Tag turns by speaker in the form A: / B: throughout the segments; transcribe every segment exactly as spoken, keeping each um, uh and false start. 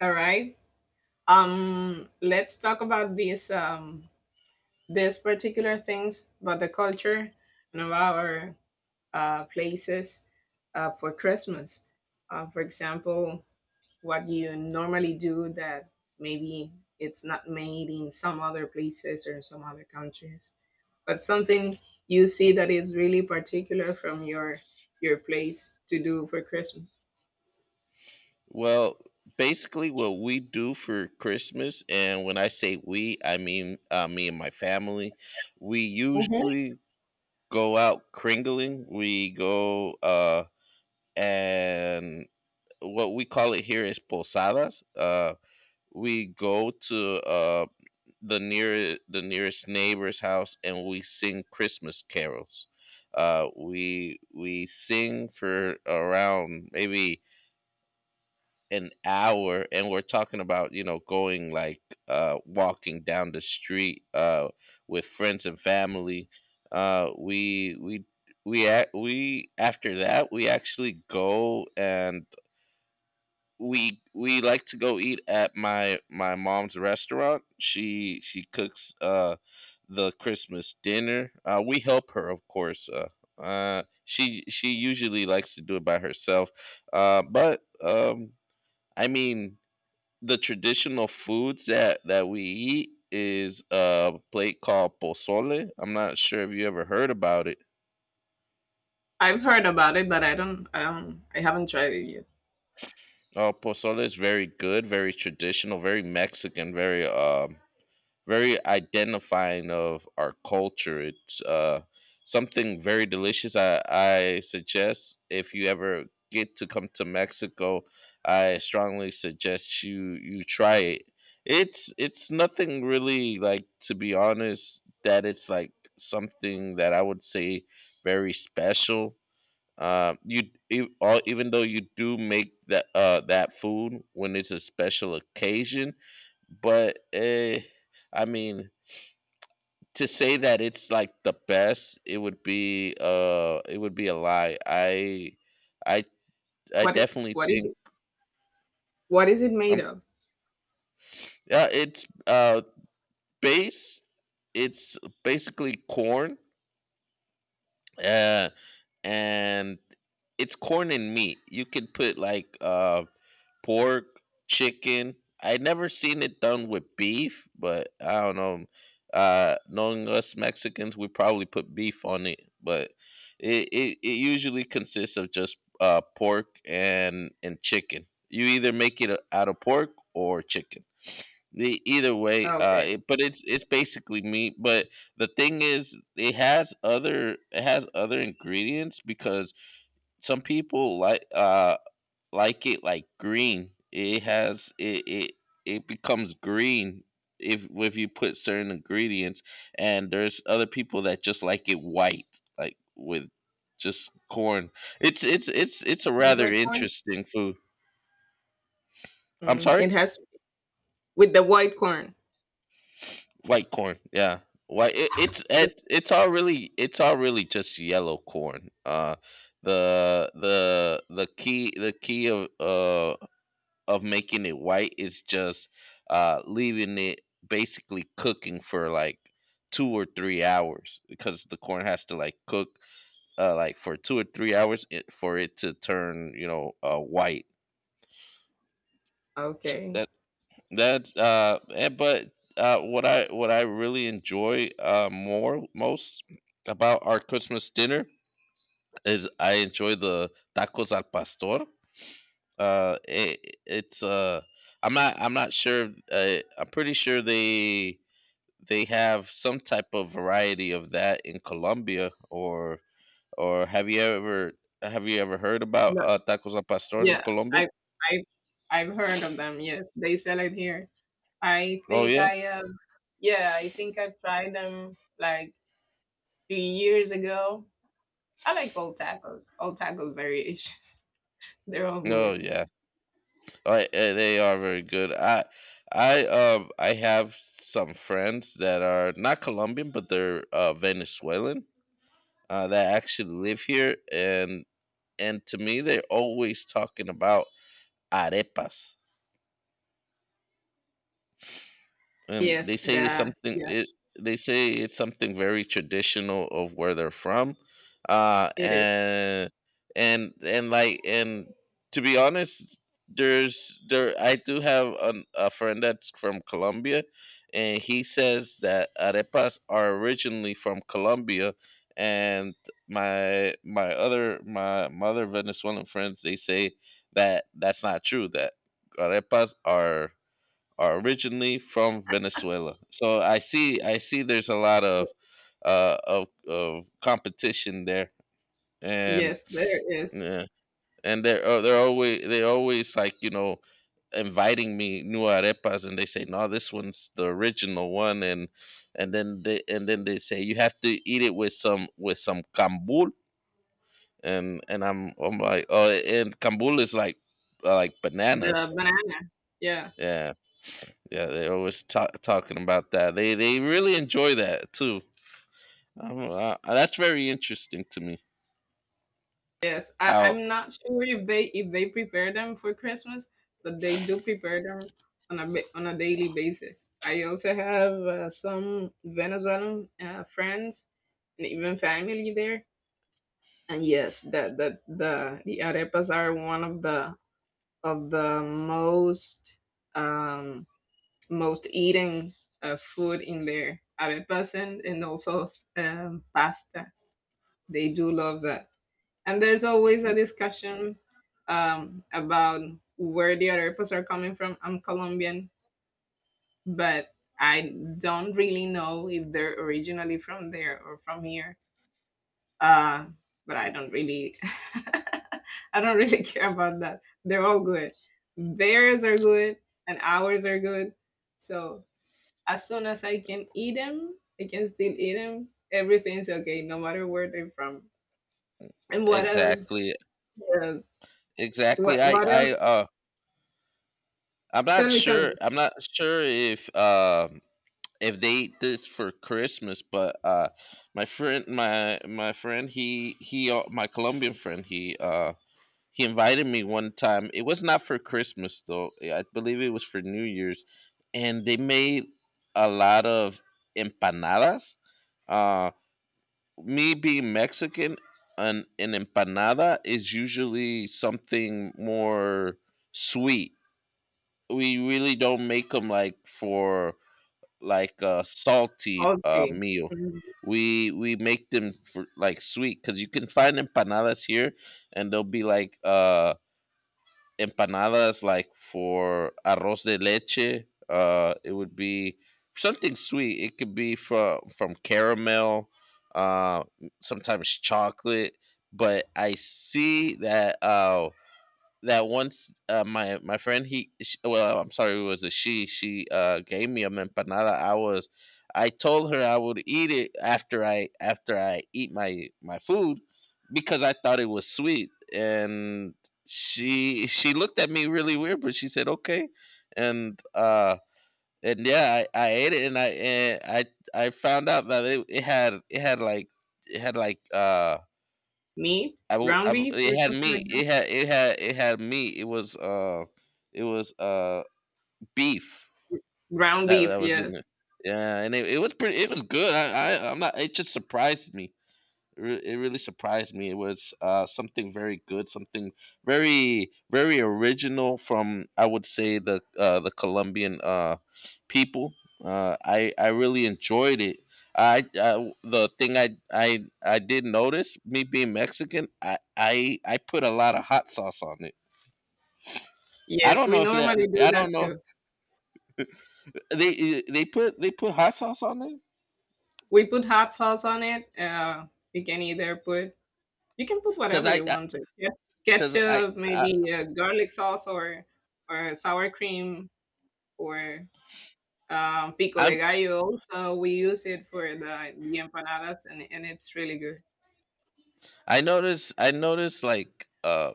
A: All right. Um, let's talk about these um these particular things about the culture and of our uh, places uh, for Christmas. Uh, for example, what you normally do that maybe it's not made in some other places or some other countries, but something you see that is really particular from your your place to do for Christmas.
B: Well, basically, what we do for Christmas, and when I say we, I mean uh, me and my family, we
A: Hmm.
B: usually go out kringling. We go uh, and what we call it here is posadas. Uh, we go to uh, the near the nearest neighbor's house, and we sing Christmas carols. Uh, we we sing for around maybe an hour, and we're talking about you know going like uh walking down the street uh with friends and family. uh we we we ac- we after that we actually go, and we we like to go eat at my my mom's restaurant. She she cooks uh the Christmas dinner. Uh we help her, of course. Uh uh she she usually likes to do it by herself, uh but um I mean the traditional foods that that we eat is a plate called pozole. I'm not sure if you ever heard about it.
A: I've heard about it, but I don't, I don't, I haven't tried it.
B: Oh, pozole is very good, very traditional, very Mexican, very um very identifying of our culture. It's uh, something very delicious. I, I suggest if you ever get to come to Mexico, I strongly suggest you you try it. It's it's nothing really, like, to be honest, that it's like something that I would say very special. Uh, you e- all, even though you do make that uh that food when it's a special occasion, but eh, I mean to say that it's like the best, it would be uh it would be a lie. I I I
A: What it,
B: definitely
A: what is
B: think—
A: it? What is it made
B: I'm
A: of?
B: yeah, it's uh base, it's basically corn. Uh and it's corn and meat. You could put like uh, pork, chicken. I never seen it done with beef, but I don't know. Uh, knowing us Mexicans, we probably put beef on it, but it, it, it usually consists of just uh, pork and and chicken. You either make it out of pork or chicken. The either way,
A: Oh,
B: uh,
A: okay.
B: it, but it's it's basically meat. But the thing is, it has other— it has other ingredients because some people like uh like it like green. It has it it it becomes green if if you put certain ingredients, and there's other people that just like it white, like with just corn. It's it's it's it's a
A: The
B: rather
A: white corn.
B: interesting food. I'm
A: Mm,
B: sorry.
A: it has with the white corn.
B: White corn, yeah. White. It, it's
A: So-
B: it, it's all really— it's all really just yellow corn. Uh, the the the key the key of uh of making it white is just uh leaving it basically cooking for like two or three hours, because the corn has to like cook uh like for two or three hours, it, for it to turn, you know, uh white.
A: Okay.
B: That's uh, eh, but uh, what I what I really enjoy uh more— most about our Christmas dinner is I enjoy the tacos al pastor. Uh, it, it's uh, I'm not I'm not sure. Uh, I'm pretty sure they they have some type of variety of that in Colombia, or— or have you ever— have you ever heard about
A: No,
B: uh, tacos al pastor in
A: yeah,
B: Colombia?
A: I I I've heard of them. Yes, they sell it here. I
B: Oh
A: think
B: yeah,
A: I have. Yeah, I think i tried them like three years ago. I like all tacos. All taco variations. They're all good.
B: oh yeah. I, eh, they are very good. I I um I have some friends that are not Colombian, but they're uh, Venezuelan. Uh, that actually live here, and and to me, they're always talking about arepas. And they
A: Yes,
B: say it's
A: the
B: something
A: yeah,
B: it— they say it's something very traditional of where they're from. Uh
A: it is.
B: and and and like and To be honest, there's there I do have an, a friend that's from Colombia, and he says that arepas are originally from Colombia, and my my other my, my other Venezuelan friends, they say that that's not true, that arepas are— are originally from Venezuela. So I see— I see there's a lot of uh, of of competition there, and
A: Yes, there is.
B: yeah, and they're uh, they're always— they always like, you know, inviting me new arepas, and they say no, this one's the original one, and and then they and then they say you have to eat it with some— with some cambul, and and I'm— I'm like oh, and cambul is like uh, like
A: The
B: bananas,
A: banana. Yeah.
B: yeah. Yeah, they're always ta- talking about that. They— they really enjoy that too. I don't know, uh, that's very interesting to me.
A: Yes, I,
B: How
A: I'm not sure if they if they prepare them for Christmas, but they do prepare them on a ba- on a daily basis. I also have uh, some Venezuelan uh, friends and even family there, and yes, that that the the arepas are one of the of the most um, most eating uh, food in there. Arepas and and also um, pasta. They do love that, and there's always a discussion um, about where the other people are coming from. I'm Colombian, but I don't really know if they're originally from there or from here. Uh, but I don't really, I don't really care about that. They're all good. Theirs are good, and ours are good. So as soon as I can eat them, I can still eat them. Everything's okay, no matter where they're from. And what else?
B: exactly?
A: uh,
B: Exactly.
A: what
B: I
A: what
B: I
A: else?
B: uh I'm
A: Tell
B: not
A: me, tell me.
B: sure. I'm not sure if um if they eat this for Christmas, but uh my friend my my friend— he he uh, my Colombian friend, he uh he invited me one time. It was not for Christmas though. Eh, I believe it was for New Year's, and they made a lot of empanadas. Uh, me being Mexican, an an empanada is usually something more sweet. We really don't make them like for like a salty uh,
A: Salty.
B: meal.
A: Mhm.
B: We we make them for like sweet because you can find empanadas here, and they'll be like uh empanadas like for arroz de leche. Uh it would be something sweet. It could be from— from caramel, uh sometimes chocolate. But I see that uh that Once uh, my my friend he sh well, I'm sorry, it was a she She uh gave me a empanada. I was— I told her I would eat it after— I after I eat my my food because I thought it was sweet, and she she looked at me really weird, but she said okay. and uh and Yeah, I, I ate it, and I and I I found out that it, it had— it had like— it had like uh
A: Meat?
B: I w- I
A: Ground
B: w-
A: beef or
B: it had
A: something like
B: meat.
A: that?
B: It had it had it had meat. It was uh it was uh beef.
A: Ground
B: That that
A: beef,
B: was
A: yes.
B: in it. Yeah, and it, it was pretty— it was good. I, I I'm not— it just surprised me. Re- it really surprised me. It was uh, something very good, something very very original from, I would say, the uh, the Colombian uh, people. Uh, I I really enjoyed it. I, I the thing I, I I did notice, me being Mexican, I, I I put a lot of hot sauce on it. I
A: Yes,
B: don't
A: we
B: know if that—
A: normally do
B: I
A: that
B: don't know—
A: too.
B: they they put they put hot sauce on it
A: We put hot sauce on it. Uh, you can either put, you can put
B: because
A: whatever
B: I
A: you want to. Yeah.
B: because I
A: Ketchup,
B: I
A: maybe uh, garlic sauce or or sour cream or um, pico de
B: I'm—
A: gallo. Also, we use it for the, the empanadas, and, and it's really good.
B: I noticed I noticed like uh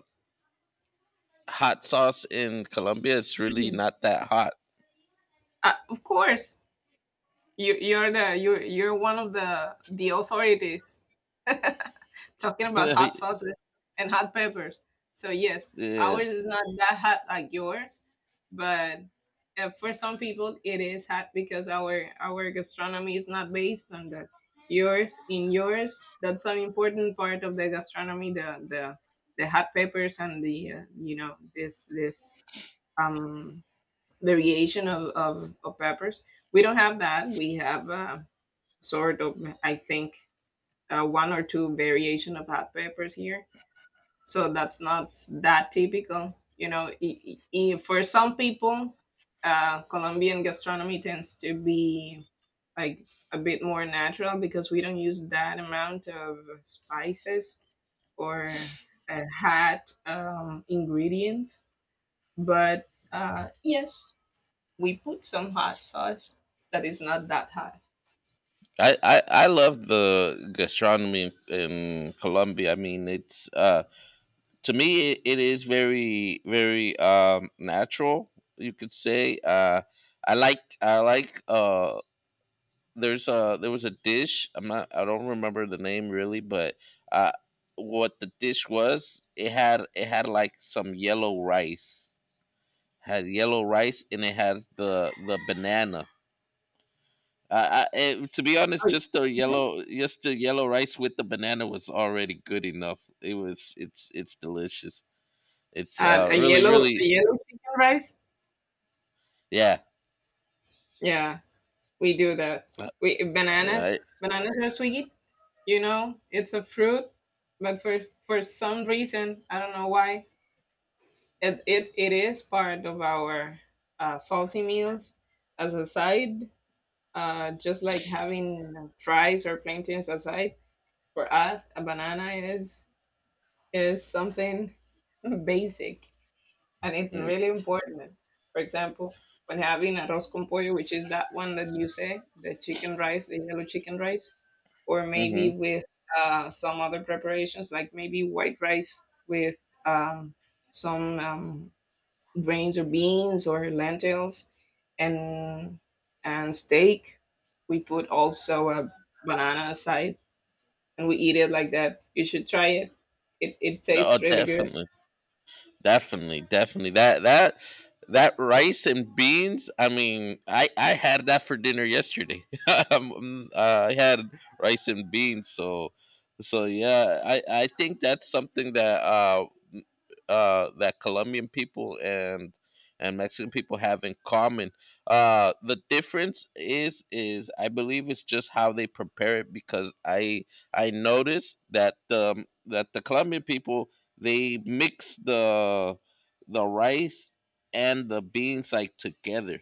B: hot sauce in Colombia is really not that hot.
A: Uh, of course, You you're the you're you're one of the the authorities talking about
B: Yeah.
A: hot sauces and hot peppers. So yes, ours is not that hot like yours, but uh, for some people it is hot because our our gastronomy is not based on that. Yours in yours, that's an important part of the gastronomy. The the the hot peppers and the uh, you know this this um variation of, of, of peppers. We don't have that. We have uh, sort of, I think, uh, one or two variation of hot peppers here. So that's not s- that typical. You know, i- i- i- for some people, uh, Colombian gastronomy tends to be like a bit more natural because we don't use that amount of spices or uh, hot um, ingredients. But uh, yes, we put some hot sauce that is not that hot.
B: I, I, I love the gastronomy in— in Colombia. I mean, it's uh, to me it, it is very very um, natural. You could say uh, I like I like uh, there's a— there was a dish. I'm not— I don't remember the name really, but uh, what the dish was, it had it had like some yellow rice— had yellow rice, and it had the the banana. I, I, it, to be honest,
A: Oh,
B: just the
A: mhm.
B: yellow, just the yellow rice with the banana was already good enough. It was, it's— it's delicious. It's
A: Uh,
B: uh,
A: a
B: really,
A: yellow, a
B: really—
A: yellow chicken rice.
B: yeah.
A: Yeah, we do that. We bananas,
B: Uh,
A: bananas are sweet. You know, it's a fruit, but for for some reason, I don't know why, it it, it is part of our uh, salty meals as a side. Uh, just like having uh, fries or plantains aside, for us, a banana is is something basic. And it's really important. For example, when having arroz con pollo, which is that one that you say, the chicken rice, the yellow chicken rice, or maybe
B: mm-hmm.
A: with uh, some other preparations, like maybe white rice with um, some um, grains or beans or lentils, and and steak. We put also a banana aside, and we eat it like that. You should try it. It, it
B: Oh,
A: tastes really good.
B: definitely. Definitely, definitely. That that that rice and beans. I mean, I— I had that for dinner yesterday. Um, um, uh, I had rice and beans. So so yeah, I— I think that's something that uh m- uh that Colombian people and— and Mexican people have in common. Uh, the difference is— is I believe it's just how they prepare it because I— I noticed that the— that the Colombian people, they mix the the rice and the beans like together.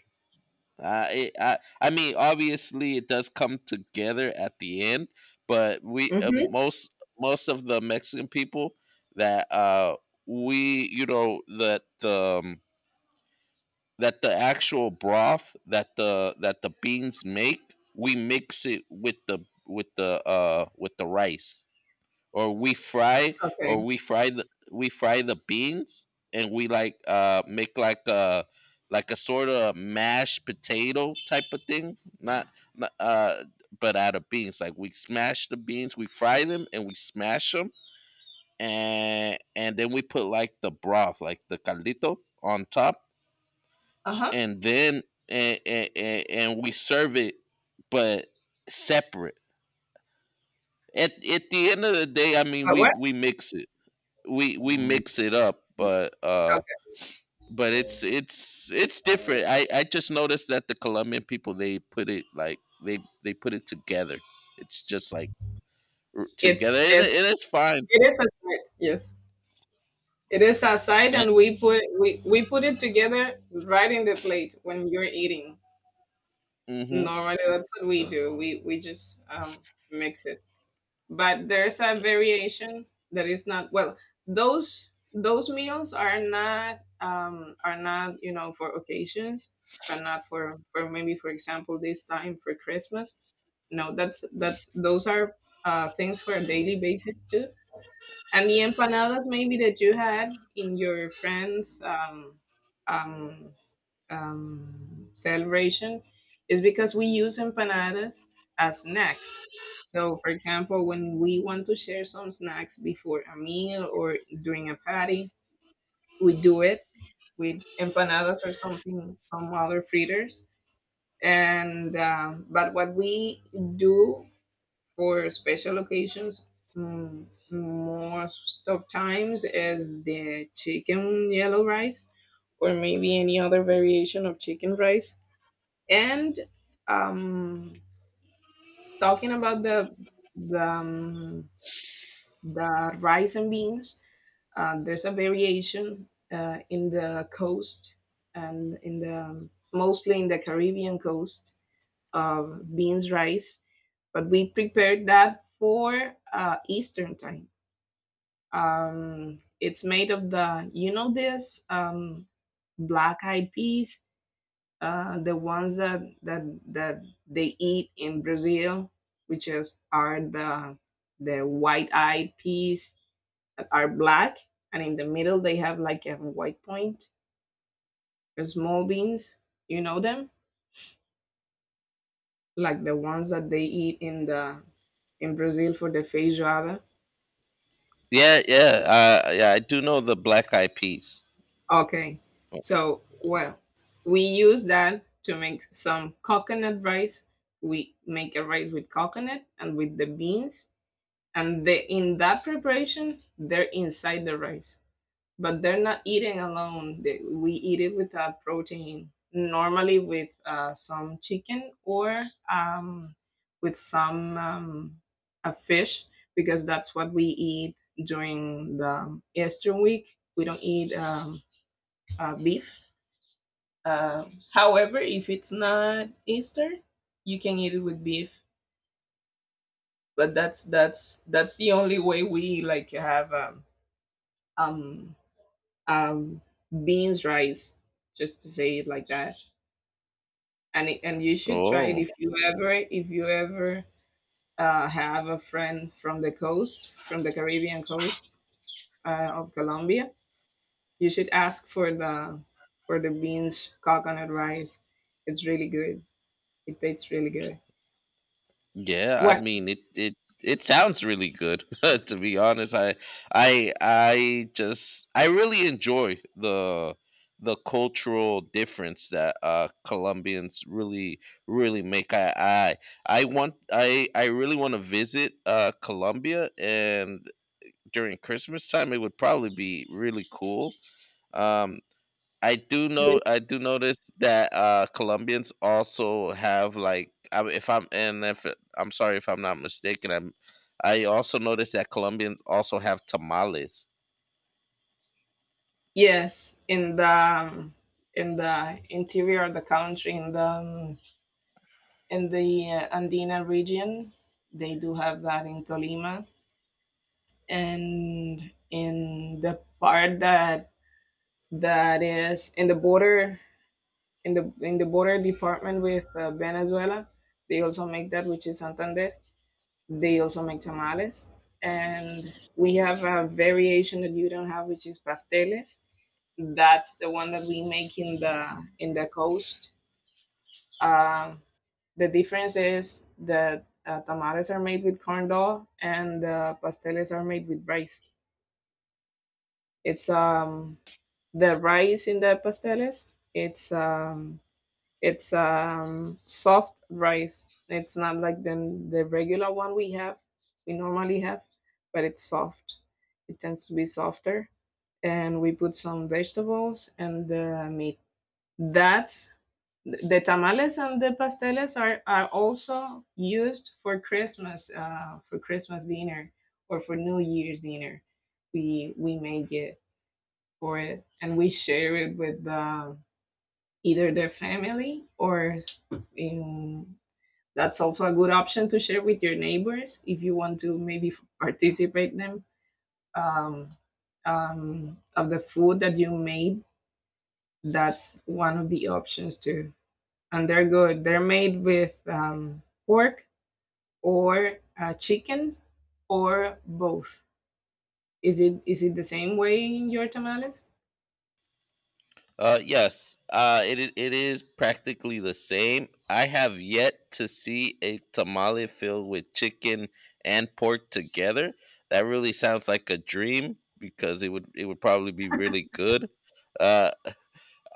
B: Uh, it, I— I mean, obviously it does come together at the end, but we uh,
A: Hmm.
B: most most of the Mexican people, that uh we, you know, that the um, that the actual broth, that the— that the beans make, we mix it with the— with the uh with the rice, or we fry—
A: Okay.
B: or we fry the— we fry the beans and we like uh make like a— like a sort of mashed potato type of thing, not— not uh but out of beans. Like we smash the beans, we fry them and we smash them, and and then we put like the broth, like the caldito on top,
A: Uh huh.
B: and then and, and, and we serve it, but separate. At— at the end of the day, I mean,
A: But what?
B: we— we mix it we we mix it up, but uh, but it's it's it's different. I— I just noticed that the Colombian people, they put it like— they they put it together. It's just like r- together,
A: It's
B: and—
A: it's
B: it- and it's fine.
A: it is a side. Yes, it is a side, and we put we we put it together right in the plate when you're eating.
B: Mm-hmm.
A: Normally, that's what we do. We we just um, mix it. But there's a variation that is not, well. Those those meals are not, um, are not you know, for occasions, but not for for maybe for example this time for Christmas. No, that's that's those are uh, things for a daily basis too. And the empanadas maybe that you had in your friends' um, um, um, celebration is because we use empanadas as snacks. So, for example, when we want to share some snacks before a meal or during a party, we do it with empanadas or something, some other fritters. And um, but what we do for special occasions, mm, most of times, is the chicken yellow rice or maybe any other variation of chicken rice. And um, talking about the the, um, the rice and beans, uh, there's a variation, uh, in the coast and in the mostly in the caribbean coast, uh, beans rice, but we prepared that for uh, Eastern time. Um, it's made of the you know this um, black eyed peas, uh, the ones that that that they eat in Brazil, which is are the the white eyed peas that are black, and in the middle they have like a white point. The small beans, you know them, like the ones that they eat in the in Brazil for the feijoada.
B: Yeah, yeah, uh, yeah. I do know the Black Eyed Peas.
A: Okay. So, well, we use that to make some coconut rice. We make a rice with coconut and with the beans. And the, in that preparation, they're inside the rice. But they're not eating alone. They, we eat it with a protein, normally with uh, some chicken or um, with some um, a fish, because that's what we eat during the Easter week. We don't eat um, uh, beef. Uh, however, if it's not Easter, you can eat it with beef. But that's that's that's the only way we like have um um um beans rice, just to say it like that. And it, and you should try it
B: Oh,
A: if you ever if you ever uh, have a friend from the coast from the Caribbean coast uh, of Colombia. You should ask for the for the beans coconut rice. It's really good. It tastes really good.
B: yeah, I
A: What?
B: mean it— it it sounds really good. To be honest, I I I just— I really enjoy the— the cultural difference that uh Colombians really— really make. I I I want I I really want to visit uh Colombia, and during Christmas time it would probably be really cool. Um I do know
A: Ye-
B: I do notice that uh Colombians also have like I, if I'm and if it- I'm sorry if I'm not mistaken I'm I also noticed that Colombians also have tamales.
A: Yes, in the um, in the interior of the country, in the um, in the uh, Andina region, they do have that in Tolima, and in the part that that is in the border in the in the border department with uh, Venezuela, they also make that, which is Santander. They also make tamales, and we have a variation that you don't have, which is pasteles. That's the one that we make in the in the coast. Um, the difference is that uh, tamales are made with corn dough, and the pasteles are made with rice. It's um the rice in the pasteles. It's um it's um soft rice. It's not like the the regular one we have we normally have, but it's soft. It tends to be softer, and we put some vegetables and the meat. That's The tamales and the pasteles are, are also used for Christmas, uh, for Christmas dinner or for New Year's dinner. We we make it for it, and we share it with uh, either their family or in. That's also a good option to share with your neighbors if you want to maybe f- participate them, um, um, of the food that you made. That's one of the options too. And they're good. They're made with um, pork or uh, chicken or both. Is it is it the same way in your tamales?
B: Uh yes, uh it i- it is practically the same. I have yet to see a tamale filled with chicken and pork together. That really sounds like a dream because it would it would probably be really good. Uh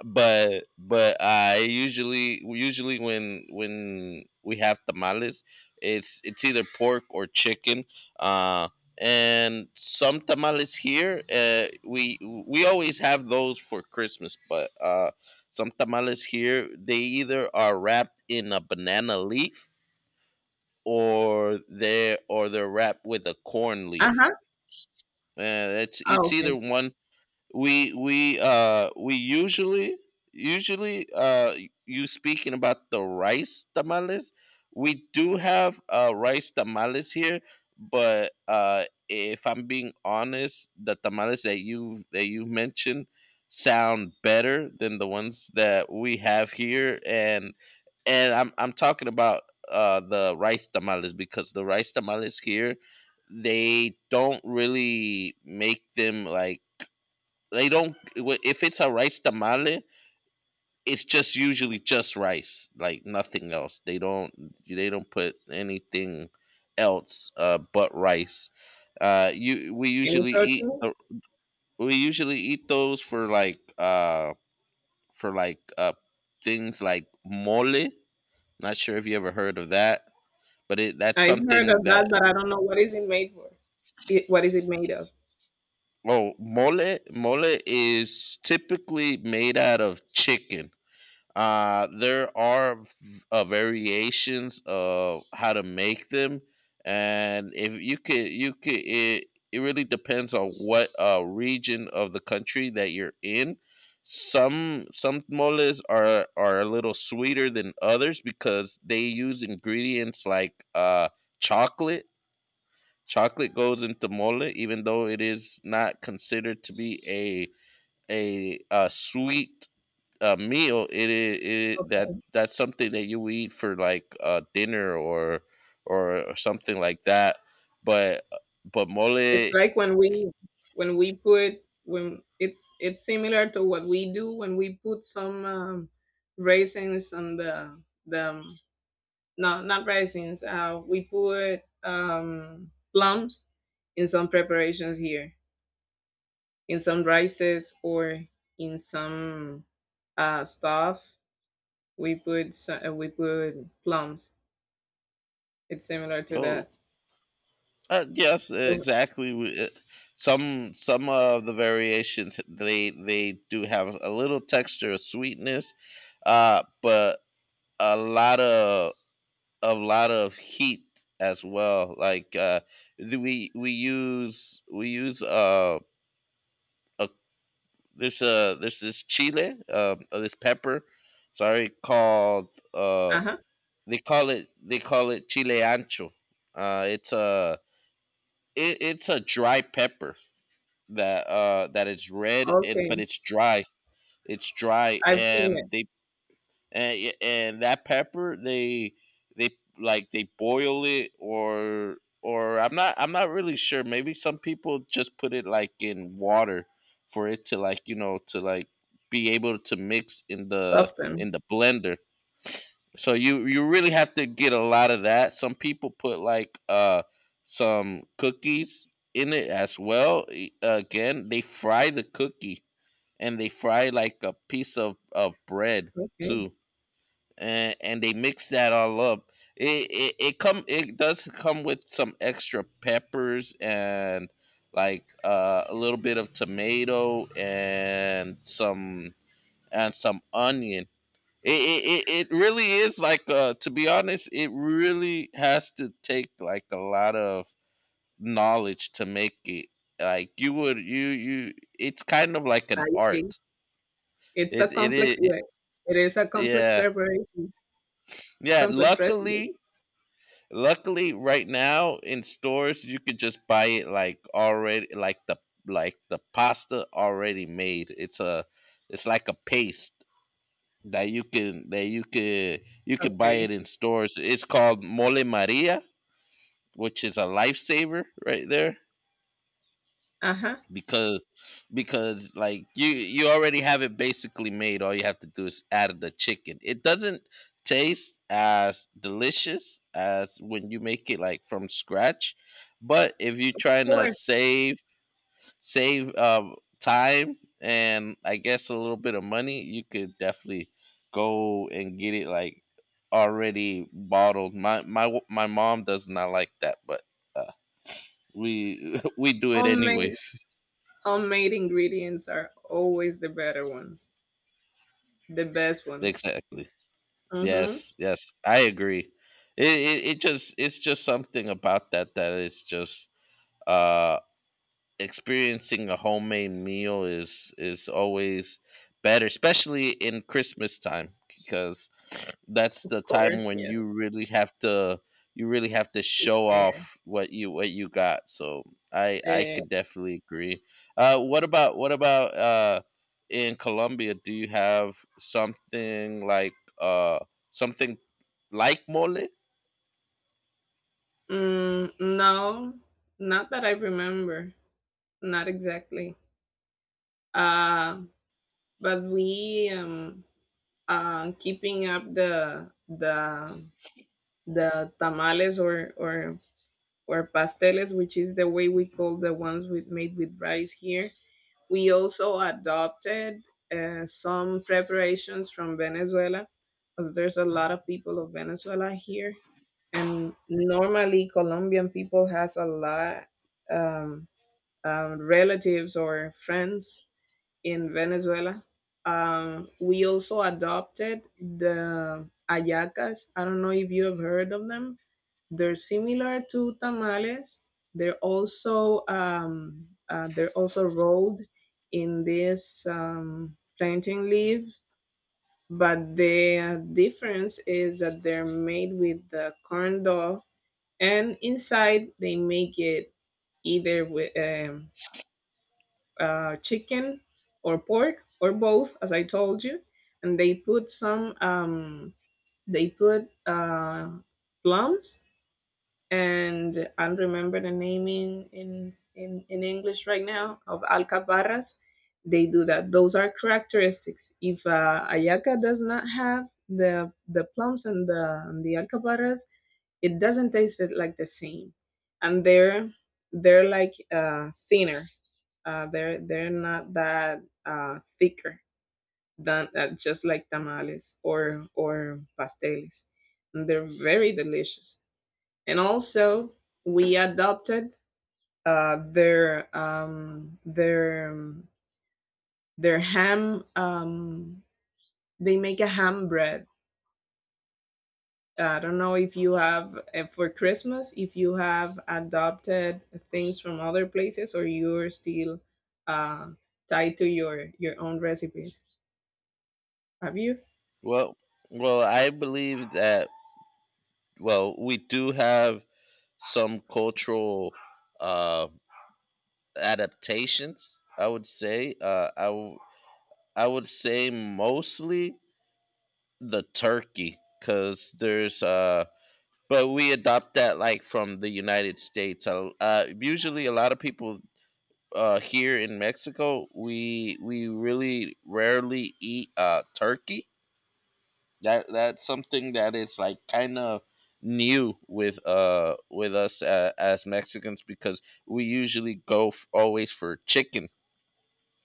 B: but but I usually usually when when we have tamales, it's it's either pork or chicken. Uh, and some tamales here, uh, we we always have those for Christmas. But uh, some tamales here, they either are wrapped in a banana leaf or they or they're wrapped with a corn
A: Uh
B: leaf.
A: huh.
B: Uh, it's
A: Oh,
B: it's
A: okay.
B: either one. We we uh we usually usually uh y- you speaking about the rice tamales, we do have uh rice tamales here, but uh if I'm being honest, the tamales that you that you mentioned sound better than the ones that we have here, and and i'm I'm talking about uh the rice tamales, because the rice tamales here, they don't really make them like they don't. If it's a rice tamale, it's just usually just rice, like nothing else. They don't. They don't put anything else, uh, but rice. Uh, you We
A: Any
B: usually eat
A: protein?
B: the we usually eat those for like uh for like uh things like mole. Not sure if you ever heard of that, but it that's
A: I've heard
B: something
A: of that,
B: that
A: but I don't know what is it made for. It, what is it made of?
B: oh, mole mole is typically made out of chicken. Uh, there are uh, variations of how to make them, and if you could, you could. It, it really depends on what uh, region of the country that you're in. Some some moles are are a little sweeter than others because they use ingredients like uh, chocolate. Chocolate goes into mole, even though it is not considered to be a a, a sweet a meal. It is it, I- that
A: Okay.
B: that's something that you eat for like uh dinner or or or something like that, but but mole.
A: It's like when we when we put when it's it's similar to what we do when we put some um, raisins on the the um, no, not raisins. Uh, we put um, plums in some preparations here, in some rices or in some uh, stuff. We put so- uh, we put plums. It's similar to
B: Oh,
A: that.
B: uh, yes, exactly. We- uh, some some of the variations, they they do have a little texture of sweetness, uh but a lot of a lot of heat as well, like, uh we we use we use uh a There's uh there's this chile, um, uh, this pepper, sorry, called uh
A: Uh huh.
B: they call it they call it chile ancho. Uh, it's a it, it's a dry pepper that uh that is red, and
A: Okay,
B: but it's dry. It's dry,
A: I've seen it
B: and they and y- and that pepper, they they like, they boil it, or or I'm not I'm not really sure. Maybe some people just put it like in water for it to, like, you know, to like be able to mix in the
A: often.
B: in the blender. So you you really have to get a lot of that. Some people put like uh some cookies in it as well. E- Again, they fry the cookie and they fry like a piece of of bread
A: Okay,
B: too, and and they mix that all up. It it, it come it does come with some extra peppers and like, uh, a little bit of tomato and some and some onion. It it, it, it really is like, uh, to be honest, it really has to take like a lot of knowledge to make it. Like, you would you you, it's kind of like an
A: I see.
B: art.
A: It's a
B: It it is
A: complex. Yeah, it is a complex
B: yeah.
A: preparation,
B: Yeah,
A: complex recipe.
B: luckily luckily, right now in stores you could just buy it like already, like the like the pasta already made. It's a it's like a paste that you can that you could you could buy
A: Okay.
B: it in stores. It's called mole Maria, which is a lifesaver right there,
A: Uh huh.
B: because because like, you you already have it basically made. All you have to do is add the chicken. It doesn't taste as delicious as when you make it like from scratch, but if you're
A: Of
B: trying to
A: course,
B: save save um, time and, I guess, a little bit of money, you could definitely go and get it like already bottled. My my my mom does not like that, but uh, we we do it
A: homemade.
B: anyways.
A: Homemade ingredients are always the better ones, the best ones.
B: Exactly.
A: Mhm.
B: Yes, yes, I agree. It, it it just it's just something about that that is just uh experiencing a homemade meal is is always better, especially in Christmas time, because that's
A: Of
B: the time
A: course,
B: when
A: yes.
B: you really have to you really have to
A: Yes.
B: show
A: Share.
B: off what you what you got. So I I
A: Sí.
B: could definitely agree. Uh what about what about uh in Colombia, do you have something like uh something like mole?
A: Mm, no, not that I remember. Not exactly. Uh, but we um uh keeping up the the the tamales or or or pasteles, which is the way we call the ones with made with rice here. We also adopted uh, some preparations from Venezuela because there's a lot of people of Venezuela here. And normally Colombian people has a lot um, um, relatives or friends in Venezuela. Um, we also adopted the ayacas. I don't know if you have heard of them. They're similar to tamales. They're also um, uh, they're also rolled in this um, plantain leaf, but the uh, difference is that they're made with the corn dough, and inside they make it either with um, uh, chicken or pork or both, as I told you, and they put some um, they put uh, plums, and I don't remember the name in, in in in English right now of alcaparras. They do that. Those are characteristics. If uh, ayaca does not have the the plums and the and the alcaparras, it doesn't taste it like the same, and they're they're like uh, thinner, uh, they're they're not that uh, thicker than uh, just like tamales or or pasteles. And they're very delicious. And also, we adopted uh, their um, their um, their ham. Um, they make a ham bread. I don't know if you have uh, for Christmas if you have adopted things from other places or you're still uh, tied to your your own recipes. Have you?
B: Well, well I believe that, well we do have some cultural uh adaptations, I would say. Uh i w- i would say mostly the turkey, because there's uh but we adopt that like from the United States. Uh, uh usually a lot of people, uh here in Mexico, we we really rarely eat uh turkey. That that's something that is like kind of new with uh with us, uh, as Mexicans, because we usually go f- always for chicken.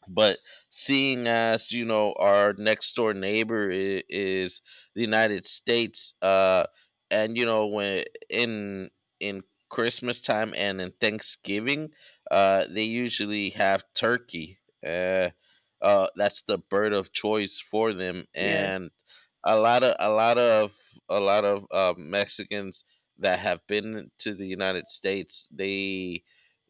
B: But seeing as, you know, our next door neighbor is, is the United States, uh and you know, when in in Christmas time and in Thanksgiving, uh they usually have turkey. uh uh that's the bird of choice for them,
A: Yes.
B: and a lot of a lot of a lot of uh, Mexicans that have been to the United States, they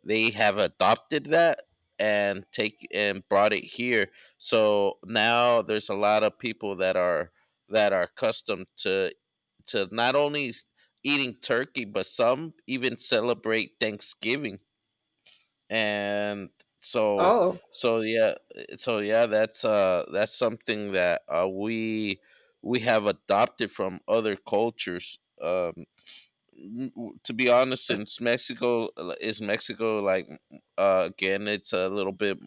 B: they have adopted that and take and brought it here. So now there's a lot of people that are that are accustomed to to not only s- eating turkey, but some even celebrate Thanksgiving. And so
A: Oh,
B: So yeah, eh, so yeah, that's uh that's something that, uh, we we have adopted from other cultures. Um, n- w- to be honest,
A: that
B: since Mexico, uh, is Mexico, like, uh, again, it's a little bit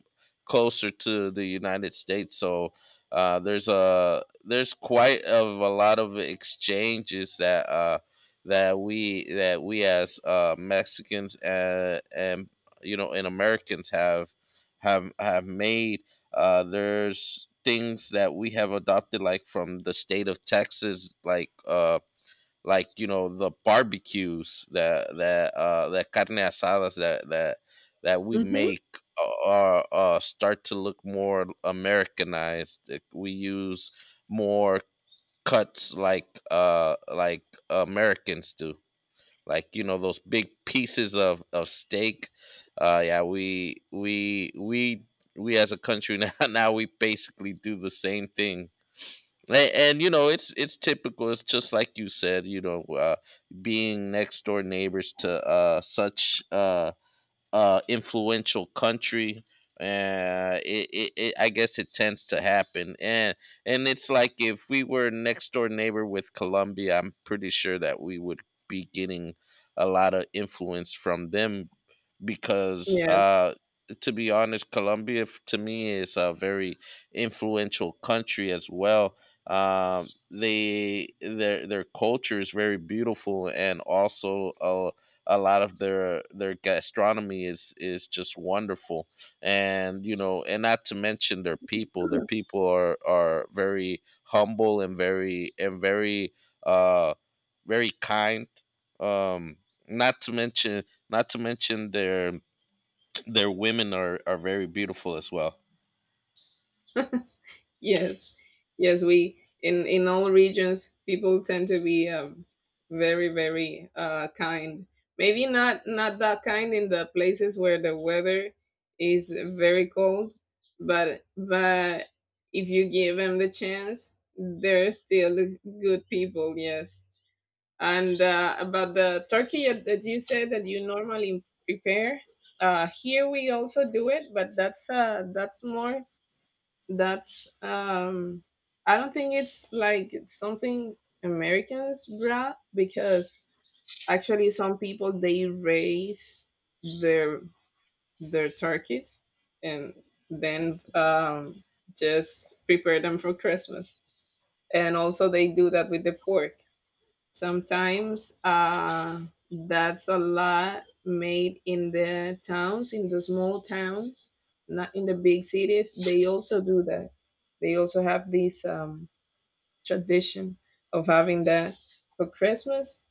B: closer to the United States, so uh, there's a there's quite of a lot of exchanges that, uh, that we, that we as, uh, Mexicans, and and you know and Americans have have have made. Uh, there's things that we have adopted, like from the state of Texas, like. Uh, like, you know, the barbecues that that uh that carne asadas that that that we
A: mhm.
B: make are uh uh, start to look more americanized. Like, we use more cuts like, uh like americans do, like, you know, those big pieces of of steak. Uh yeah, we we we we as a country now now we basically do the same thing. And, and you know, it's it's typical. It's just like you said, you know, uh, being next door neighbors to, uh, such uh, uh, influential country. Uh, it, it, it, I guess it tends to happen, and and it's like if we were next door neighbor with Colombia, I'm pretty sure that we would be getting a lot of influence from them, because,
A: Yes.
B: uh, to be honest, Colombia f- to me is a very influential country as well. Um, they their their culture is very beautiful, and also a a lot of their their gastronomy is is just wonderful. And you know, and not to mention, their people their people are are very humble and very and very uh very kind. um Not to mention, not to mention their their women are are very beautiful as well.
A: Yes. Yes, we in in all regions, people tend to be um, very, very uh, kind. Maybe not not that kind in the places where the weather is very cold, but but if you give them the chance, they're still good people. Yes. And uh, about the turkey that that you said that you normally prepare, uh, here we also do it, but that's uh, that's more that's um, I don't think it's like something Americans bra because actually some people they raise their their turkeys and then um, just prepare them for Christmas, and also they do that with the pork. Sometimes uh, that's a lot made in the towns, in the small towns, not in the big cities. They also do that. They also have this um, tradition of having that for Christmas.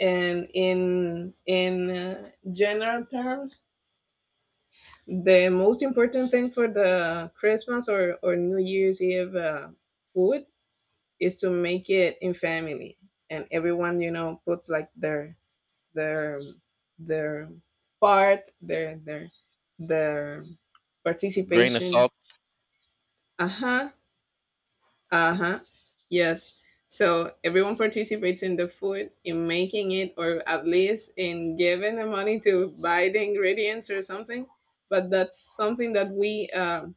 A: And in in uh, general terms, the most important thing for the Christmas or or New Year's Eve uh, food is to make it in family, and everyone, you know, puts like their their their part, their their their
B: Grain of
A: participation.
B: salt.
A: Uh huh. Uh huh. Yes. So everyone participates in the food, in making it, or at least in giving the money to buy the ingredients or something. But that's something that we um,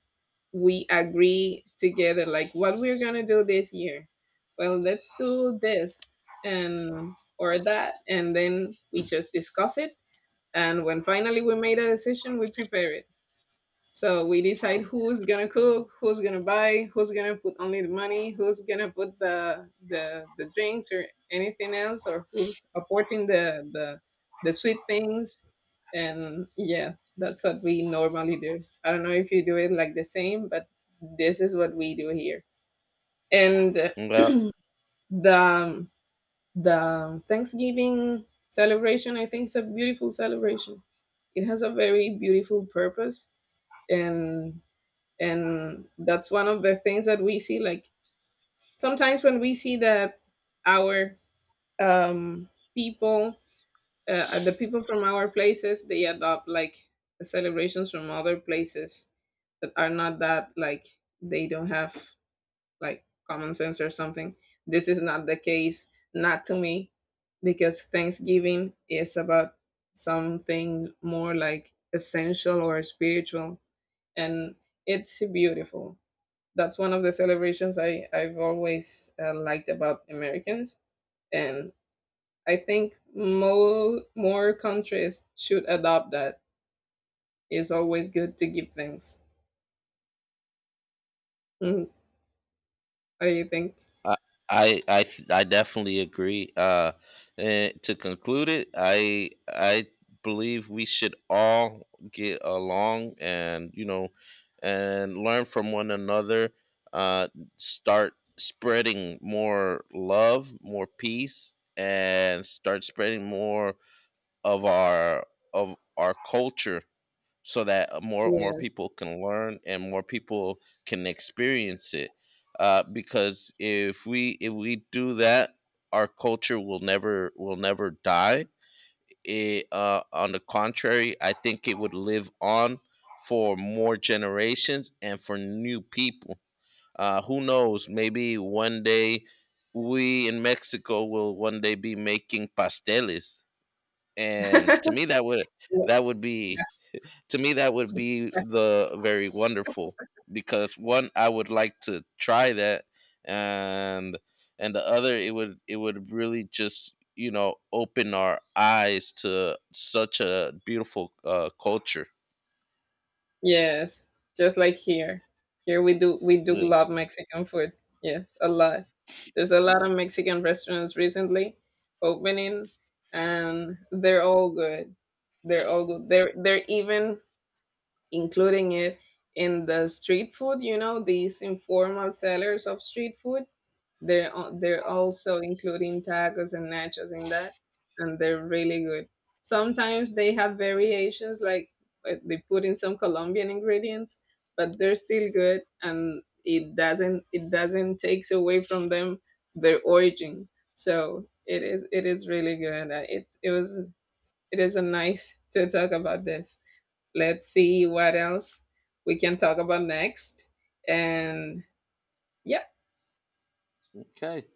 A: we agree together, like what we're gonna do this year. Well, let's do this and or that, and then we just discuss it, and when finally we made a decision, we prepare it. So we decide who's gonna cook, who's gonna buy, who's gonna put only the money, who's gonna put the the, the drinks or anything else, or who's apporting the the the sweet things. And yeah, that's what we normally do. I don't know if you do it like the same, but this is what we do here. And
B: Yeah.
A: the the um, Thanksgiving celebration, I think, is a beautiful celebration. It has a very beautiful purpose, and and that's one of the things that we see. Like sometimes when we see that our um, people, uh, uh, the people from our places, they adopt like the celebrations from other places that are not that, like they don't have like common sense or something. This is not the case, not to me, because Thanksgiving is about something more like essential or spiritual, and it's beautiful. That's one of the celebrations I, I've always uh, liked about Americans, and I think more, more countries should adopt that. It's always good to give thanks. Mm, what do you think?
B: I I I I definitely agree. Uh, and to conclude it, I I believe we should all get along, and you know, and learn from one another. Uh, start spreading more love, more peace, and start spreading more of our of our culture, so that, uh, more more
A: Yes.
B: people can learn and more people can experience it, uh, because if we if we do that, our culture will never will never die. It, uh, on the contrary, I think it would live on for more generations and for new people. uh, who knows, maybe one day we in Mexico will one day be making pasteles, and to me that would
A: Yeah.
B: that would be to me that would be the very wonderful, because one, I would like to try that, and and the other, it would it would really just, you know, open our eyes to such a beautiful, uh, culture.
A: Yes, just like here. Here we do we do
B: Yeah.
A: love Mexican food. Yes, a lot. There's a lot of Mexican restaurants recently opening, and they're all good. They're all good. They're they're even including it in the street food, you know, these informal sellers of street food. They're al- they're also including tacos and nachos in that, and they're really good. Sometimes they have variations, like uh, they put in some Colombian ingredients, but they're still good, and it doesn't it doesn't takes away from them their origin. So it is it is really good. Uh, It's it was it is a nice to talk about this. Let's see what else we can talk about next, and yeah.
B: Okay.